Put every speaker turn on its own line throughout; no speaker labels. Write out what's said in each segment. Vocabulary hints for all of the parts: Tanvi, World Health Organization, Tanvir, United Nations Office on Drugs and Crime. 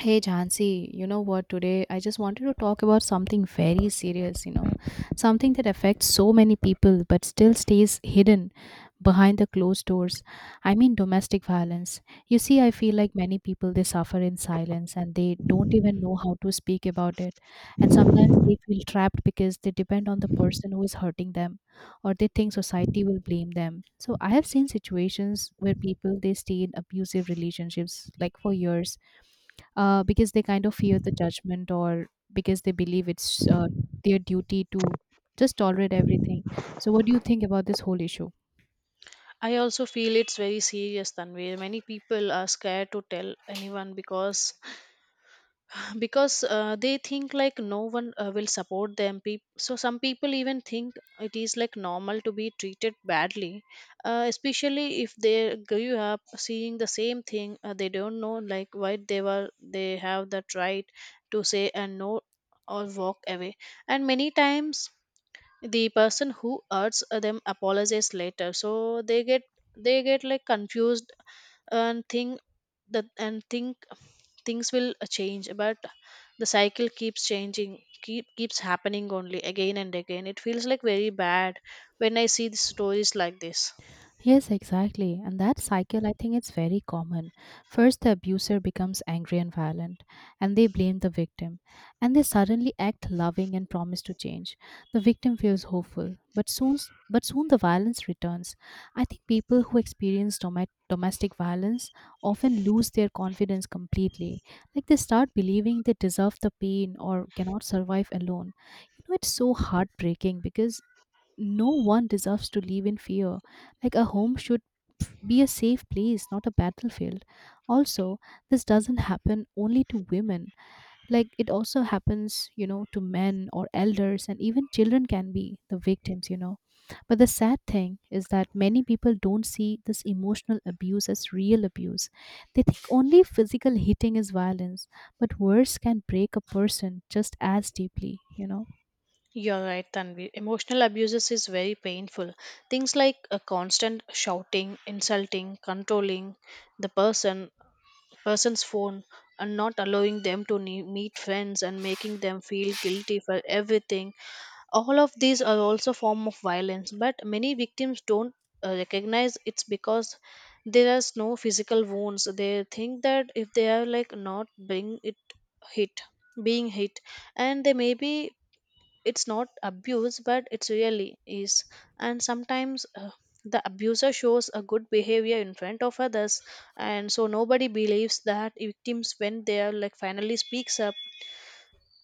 Hey Jansi, you know what? Today I just wanted to talk about something very serious, something that affects so many people but still stays hidden behind the closed doors. I mean, domestic violence. You see, I feel like many people they suffer in silence and they don't even know how to speak about it. And sometimes they feel trapped because they depend on the person who is hurting them, or they think society will blame them. So I have seen situations where people they stay in abusive relationships like for years, because they kind of fear the judgment, or because they believe it's their duty to just tolerate everything. So, what do you think about this whole issue?
I also feel it's very serious, Tanvir. Many people are scared to tell anyone because because they think like no one will support them. Peop So some people even think it is like normal to be treated badly, especially if they grew up seeing the same thing. They don't know like why they have that right to say and no or walk away. And many times the person who hurts them apologizes later, so they get like confused and think that and think things will change, but the cycle keeps changing keeps happening only again and again. It feels like very bad when I see the stories like this.
Yes, exactly. And that cycle, I think it's very common. First, the abuser becomes angry and violent, and they blame the victim. And they suddenly act loving and promise to change. The victim feels hopeful, but soon the violence returns. I think people who experience domestic violence often lose their confidence completely. Like they start believing they deserve the pain or cannot survive alone. You know, it's so heartbreaking because no one deserves to live in fear. Like a home should be a safe place, not a battlefield. Also, this doesn't happen only to women. Like it also happens, to men or elders, and even children can be the victims. But the sad thing is that many people don't see this emotional abuse as real abuse. They think only physical hitting is violence, but words can break a person just as deeply.
You're right, Tanvi. Emotional abuses is very painful. Things like a constant shouting, insulting, controlling the person person's phone, and not allowing them to meet friends, and making them feel guilty for everything. All of these are also form of violence, but many victims don't recognize it's because there is no physical wounds. They think that if they are like not being it hit being hit, and they may be it's not abuse, but it's really is. And sometimes the abuser shows a good behavior in front of others, and so nobody believes that victims when they are like finally speaks up.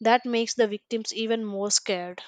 That makes the victims even more scared.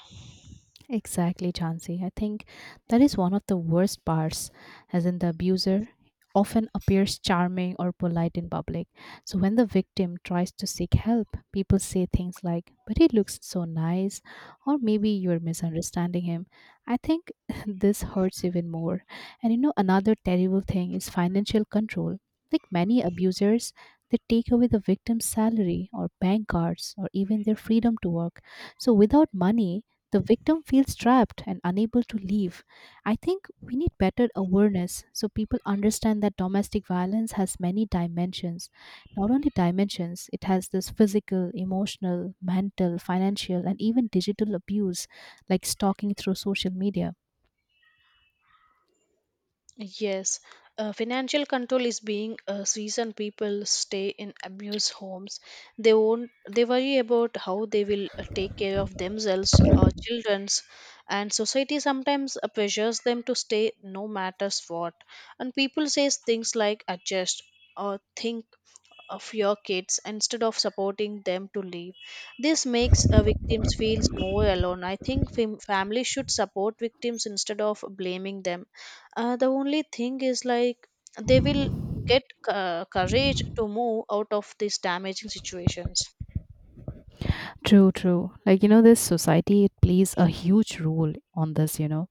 Exactly, Chansey. I think that is one of the worst parts, as in the abuser often appears charming or polite in public. So when the victim tries to seek help, people say things like, "But he looks so nice," or "Maybe you're misunderstanding him." I think this hurts even more. And another terrible thing is financial control. Like many abusers, they take away the victim's salary or bank cards or even their freedom to work. So without money, the victim feels trapped and unable to leave. I think we need better awareness so people understand that domestic violence has many dimensions. Not only dimensions, it has this physical, emotional, mental, financial, and even digital abuse, like stalking through social media.
Yes, financial control is being a reason people stay in abused homes. They won't. They worry about how they will take care of themselves or childrens, and society sometimes pressures them to stay no matters what. And people says things like adjust or think of your kids instead of supporting them to leave. This makes victims feel more alone. I think families should support victims instead of blaming them. The only thing is like they will get courage to move out of these damaging situations.
True, true. Like, this society, it plays a huge role on this.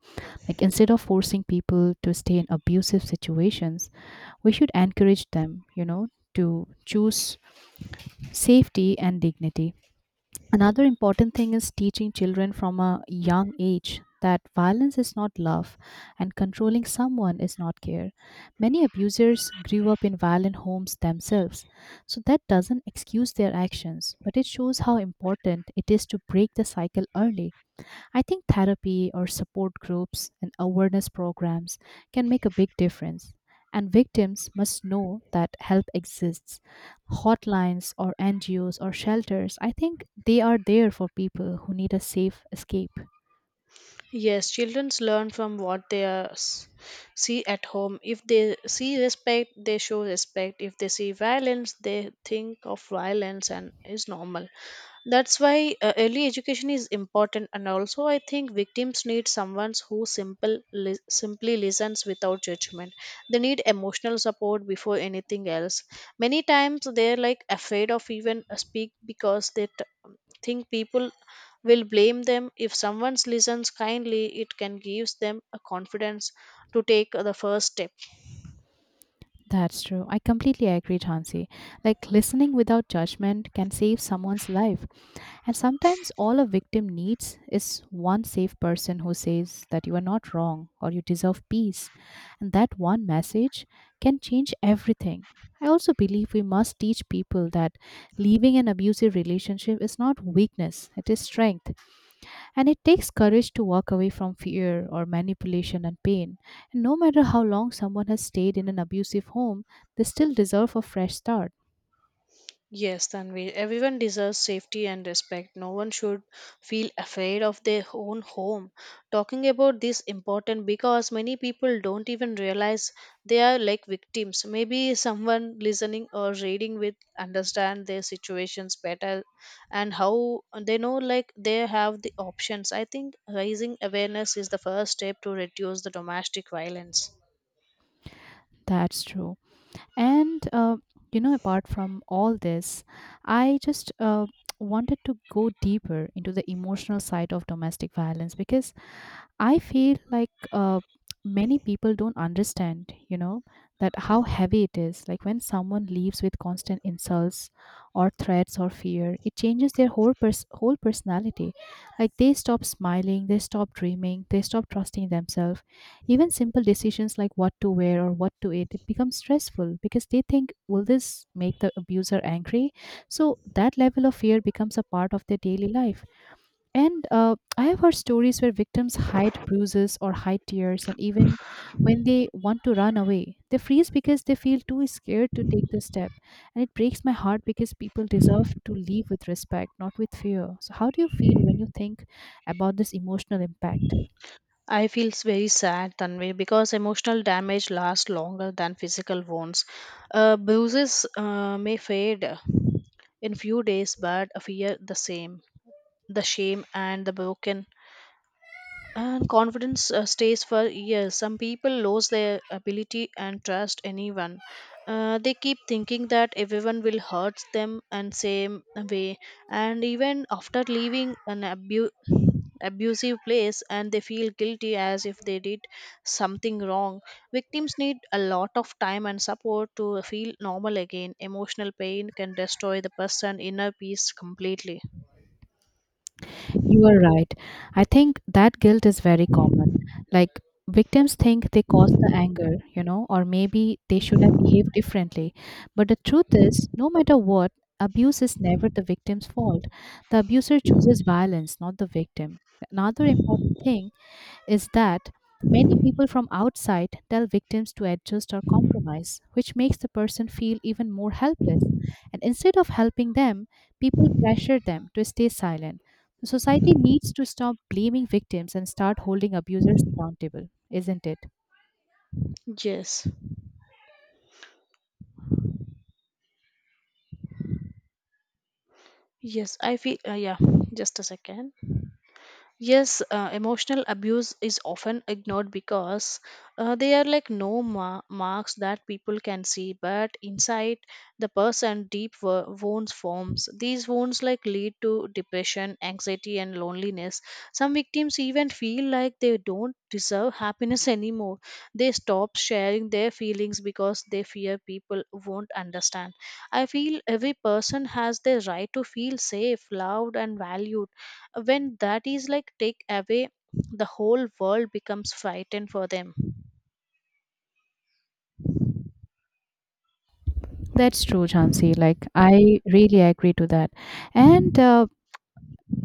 Like, instead of forcing people to stay in abusive situations, we should encourage them, to choose safety and dignity. Another important thing is teaching children from a young age that violence is not love, and controlling someone is not care. Many abusers grew up in violent homes themselves, so that doesn't excuse their actions, but it shows how important it is to break the cycle early. I think therapy or support groups and awareness programs can make a big difference. And victims must know that help exists. Hotlines or NGOs or shelters, I think they are there for people who need a safe escape.
Yes, children learn from what they are, see at home. If they see respect, they show respect. If they see violence, they think of violence and is normal. That's why early education is important. And also, I think victims need someone who simply listens without judgment. They need emotional support before anything else. Many times they're like afraid of even speak because they think people will blame them. If someone listens kindly, it can give them a confidence to take the first step.
That's true. I completely agree, Chauncey. Like listening without judgment can save someone's life. And sometimes all a victim needs is one safe person who says that you are not wrong or you deserve peace. And that one message can change everything. I also believe we must teach people that leaving an abusive relationship is not weakness, it is strength. And it takes courage to walk away from fear or manipulation and pain. And no matter how long someone has stayed in an abusive home, they still deserve a fresh start.
Yes, Tanvi, everyone deserves safety and respect. No one should feel afraid of their own home. Talking about this important because many people don't even realize they are like victims. Maybe someone listening or reading will understand their situations better and how they know like they have the options. I think raising awareness is the first step to reduce the domestic violence.
That's true. And you know, apart from all this, I just wanted to go deeper into the emotional side of domestic violence, because I feel like many people don't understand, you know, that how heavy it is. Like when someone leaves with constant insults or threats or fear, it changes their whole whole personality. Like they stop smiling, they stop dreaming, they stop trusting themselves. Even simple decisions like what to wear or what to eat, it becomes stressful because they think, "Will this make the abuser angry?" So that level of fear becomes a part of their daily life, and I have heard stories where victims hide bruises or hide tears, and even when they want to run away, they freeze because they feel too scared to take the step. And it breaks my heart because people deserve to live with respect, not with fear. So, how do you feel when you think about this emotional impact?
I feel very sad, Tanvi, because emotional damage lasts longer than physical wounds. Bruises may fade in few days, but fear the same. The shame and the broken and confidence stays for years. Some people lose their ability and trust anyone. They keep thinking that everyone will hurt them and same way. And even after leaving an abusive place, and they feel guilty as if they did something wrong. Victims need a lot of time and support to feel normal again. Emotional pain can destroy the person's inner peace completely.
You are right. I think that guilt is very common. Like victims think they caused the anger, or maybe they should have behaved differently. But the truth is, no matter what, abuse is never the victim's fault. The abuser chooses violence, not the victim. Another important thing is that many people from outside tell victims to adjust or compromise, which makes the person feel even more helpless. And instead of helping them, people pressure them to stay silent. The society needs to stop blaming victims and start holding abusers accountable, isn't it?
Yes, yes, I feel, yeah, just a second. Yes, emotional abuse is often ignored because they are like no marks that people can see, but inside the person, deep wounds forms. These wounds like lead to depression, anxiety, and loneliness. Some victims even feel like they don't deserve happiness anymore. They stop sharing their feelings because they fear people won't understand. I feel every person has their right to feel safe, loved, and valued. When that is like take away, the whole world becomes frightened for them.
That's true, Jhansi. Like, I really agree to that. And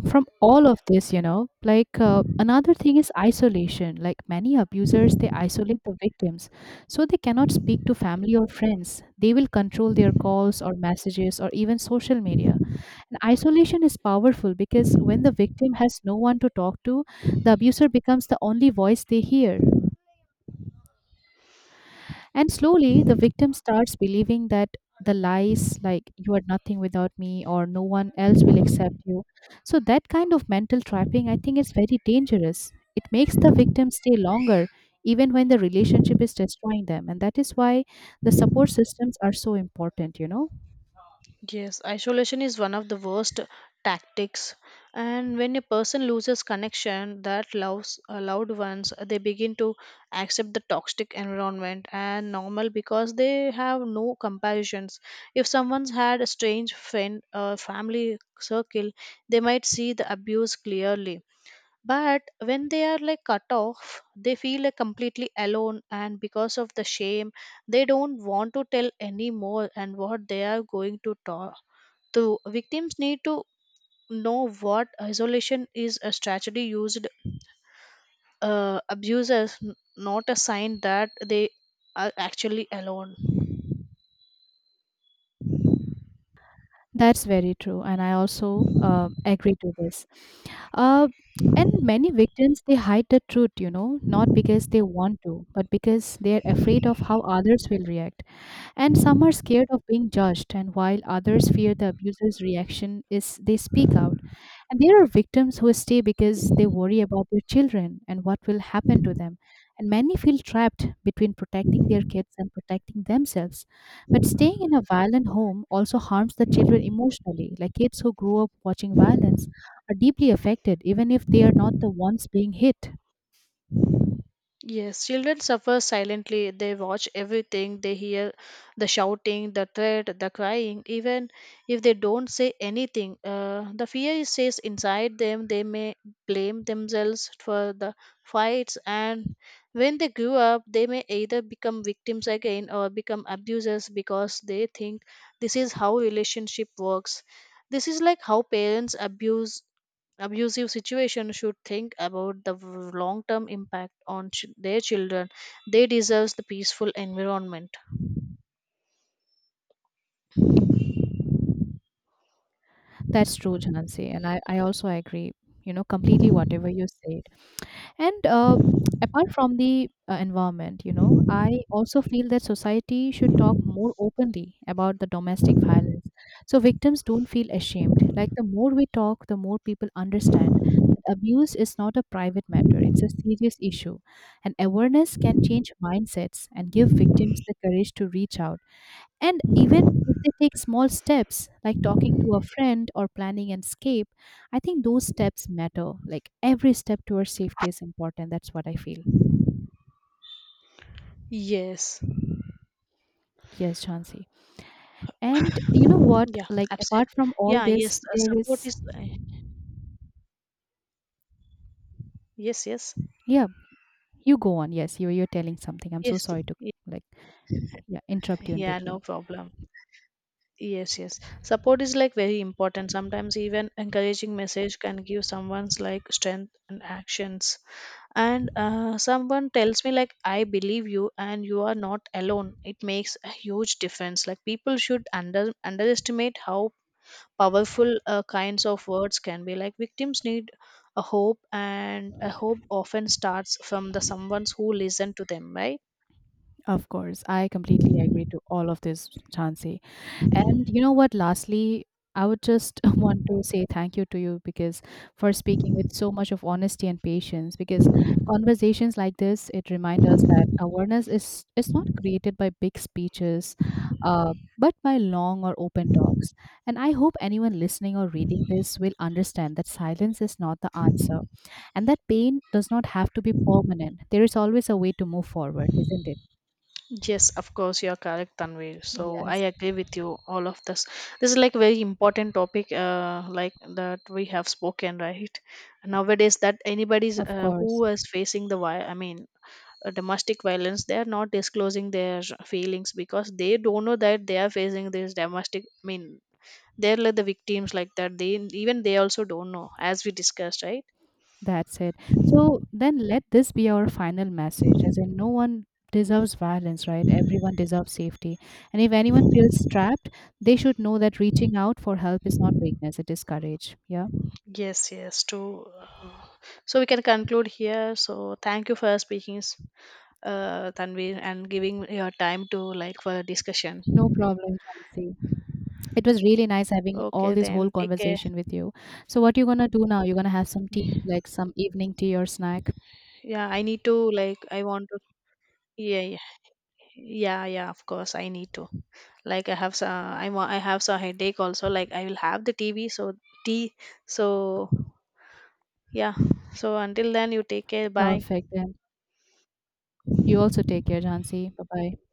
from all of this, you know, like, another thing is isolation. Like many abusers, they isolate the victims, so they cannot speak to family or friends. They will control their calls or messages or even social media. And isolation is powerful, because when the victim has no one to talk to, the abuser becomes the only voice they hear. And slowly, the victim starts believing that the lies, like, "You are nothing without me," or "No one else will accept you." So, that kind of mental trapping, I think, is very dangerous. It makes the victim stay longer, even when the relationship is destroying them. And that is why the support systems are so important, you know?
Yes, isolation is one of the worst tactics. And when a person loses connection that loves loved ones, they begin to accept the toxic environment and normal because they have no comparisons. If someone's had a strange friend or family circle, they might see the abuse clearly. But when they are like cut off, they feel like completely alone, and because of the shame, they don't want to tell anymore and what they are going to talk to. Victims need to know what isolation is a strategy used abusers, not a sign that they are actually alone.
That's very true, and I also agree to this. Uh, and many victims, they hide the truth, not because they want to, but because they are afraid of how others will react. And some are scared of being judged, and while others fear the abuser's reaction, is they speak out. And there are victims who stay because they worry about their children and what will happen to them. And many feel trapped between protecting their kids and protecting themselves. But staying in a violent home also harms the children emotionally. Like kids who grow up watching violence are deeply affected, even if they are not the ones being hit.
Yes, children suffer silently. They watch everything. They hear the shouting, the threat, the crying. Even if they don't say anything, the fear is stays inside them. They may blame themselves for the fights, and when they grow up, they may either become victims again or become abusers because they think this is how relationship works. This is like how parents abuse abusive situation should think about the long term impact on their children. They deserve the peaceful environment.
That's true, Jansi, and I also agree. You know, completely whatever you say. And apart from the environment, you know, I also feel that society should talk more openly about the domestic violence, so victims don't feel ashamed. Like, the more we talk, the more people understand that abuse is not a private matter, it's a serious issue. And awareness can change mindsets and give victims the courage to reach out. And even if they take small steps, like talking to a friend or planning an escape, I think those steps matter. Like every step towards safety is important. That's what I feel.
Yes.
Yes, Chauncey. And you know what?
Yeah,
Like
absolutely.
apart from all
Yeah, yes,
this, there
support
is,
is yes, yes.
yeah. You go on. Yes, you're telling something. I'm so
Yes,
sorry to,
y-
like, yeah, interrupt you in
yeah, no
between.
problem. Yes, yes, support is like very important. Sometimes even encouraging message can give someone's like strength and actions. And someone tells me like I believe you and you are not alone, it makes a huge difference. Like people should underestimate how powerful kinds of words can be. Like victims need a hope, and a hope often starts from the someone's who listen to them, right?
Of course, I completely agree to all of this, Chansey. And you know what? Lastly, I would just want to say thank you to you, because for speaking with so much of honesty and patience. Because conversations like this, it reminds us that awareness is not created by big speeches, but by long or open talks. And I hope anyone listening or reading this will understand that silence is not the answer, and that pain does not have to be permanent. There is always a way to move forward, isn't it?
Yes, of course, you are correct, Tanvi. So I
Yes,
agree with you all of this. This is like very important topic, like that we have spoken, right? Nowadays that anybody's
of
who
course.
is facing the why, I mean domestic violence, they are not disclosing their feelings because they don't know that they are facing this domestic, I mean, they're like the victims like that they, even they also don't know, as we discussed, right?
That's it. So then let this be our final message, as in, no one deserves violence, right? Everyone deserves safety. And if anyone feels trapped, they should know that reaching out for help is not weakness, it is courage. Yeah.
Yes, yes, true. So we can conclude here. So thank you for speaking Tanvi and giving your time to like for the discussion.
No problem, Chansi. It was really nice having all
Okay,
this whole
then take care.
conversation with you. So, what you gonna do now? You're gonna have some tea, like some evening tea or snack.
Yeah, I need to, like, I want to, yeah, yeah, yeah, yeah, of course, I need to, like, I have some, I have some headache also, like I will have the tv so tea, so yeah, so until then you take care, bye.
Perfect. Then you also take care, Jansi. Bye bye.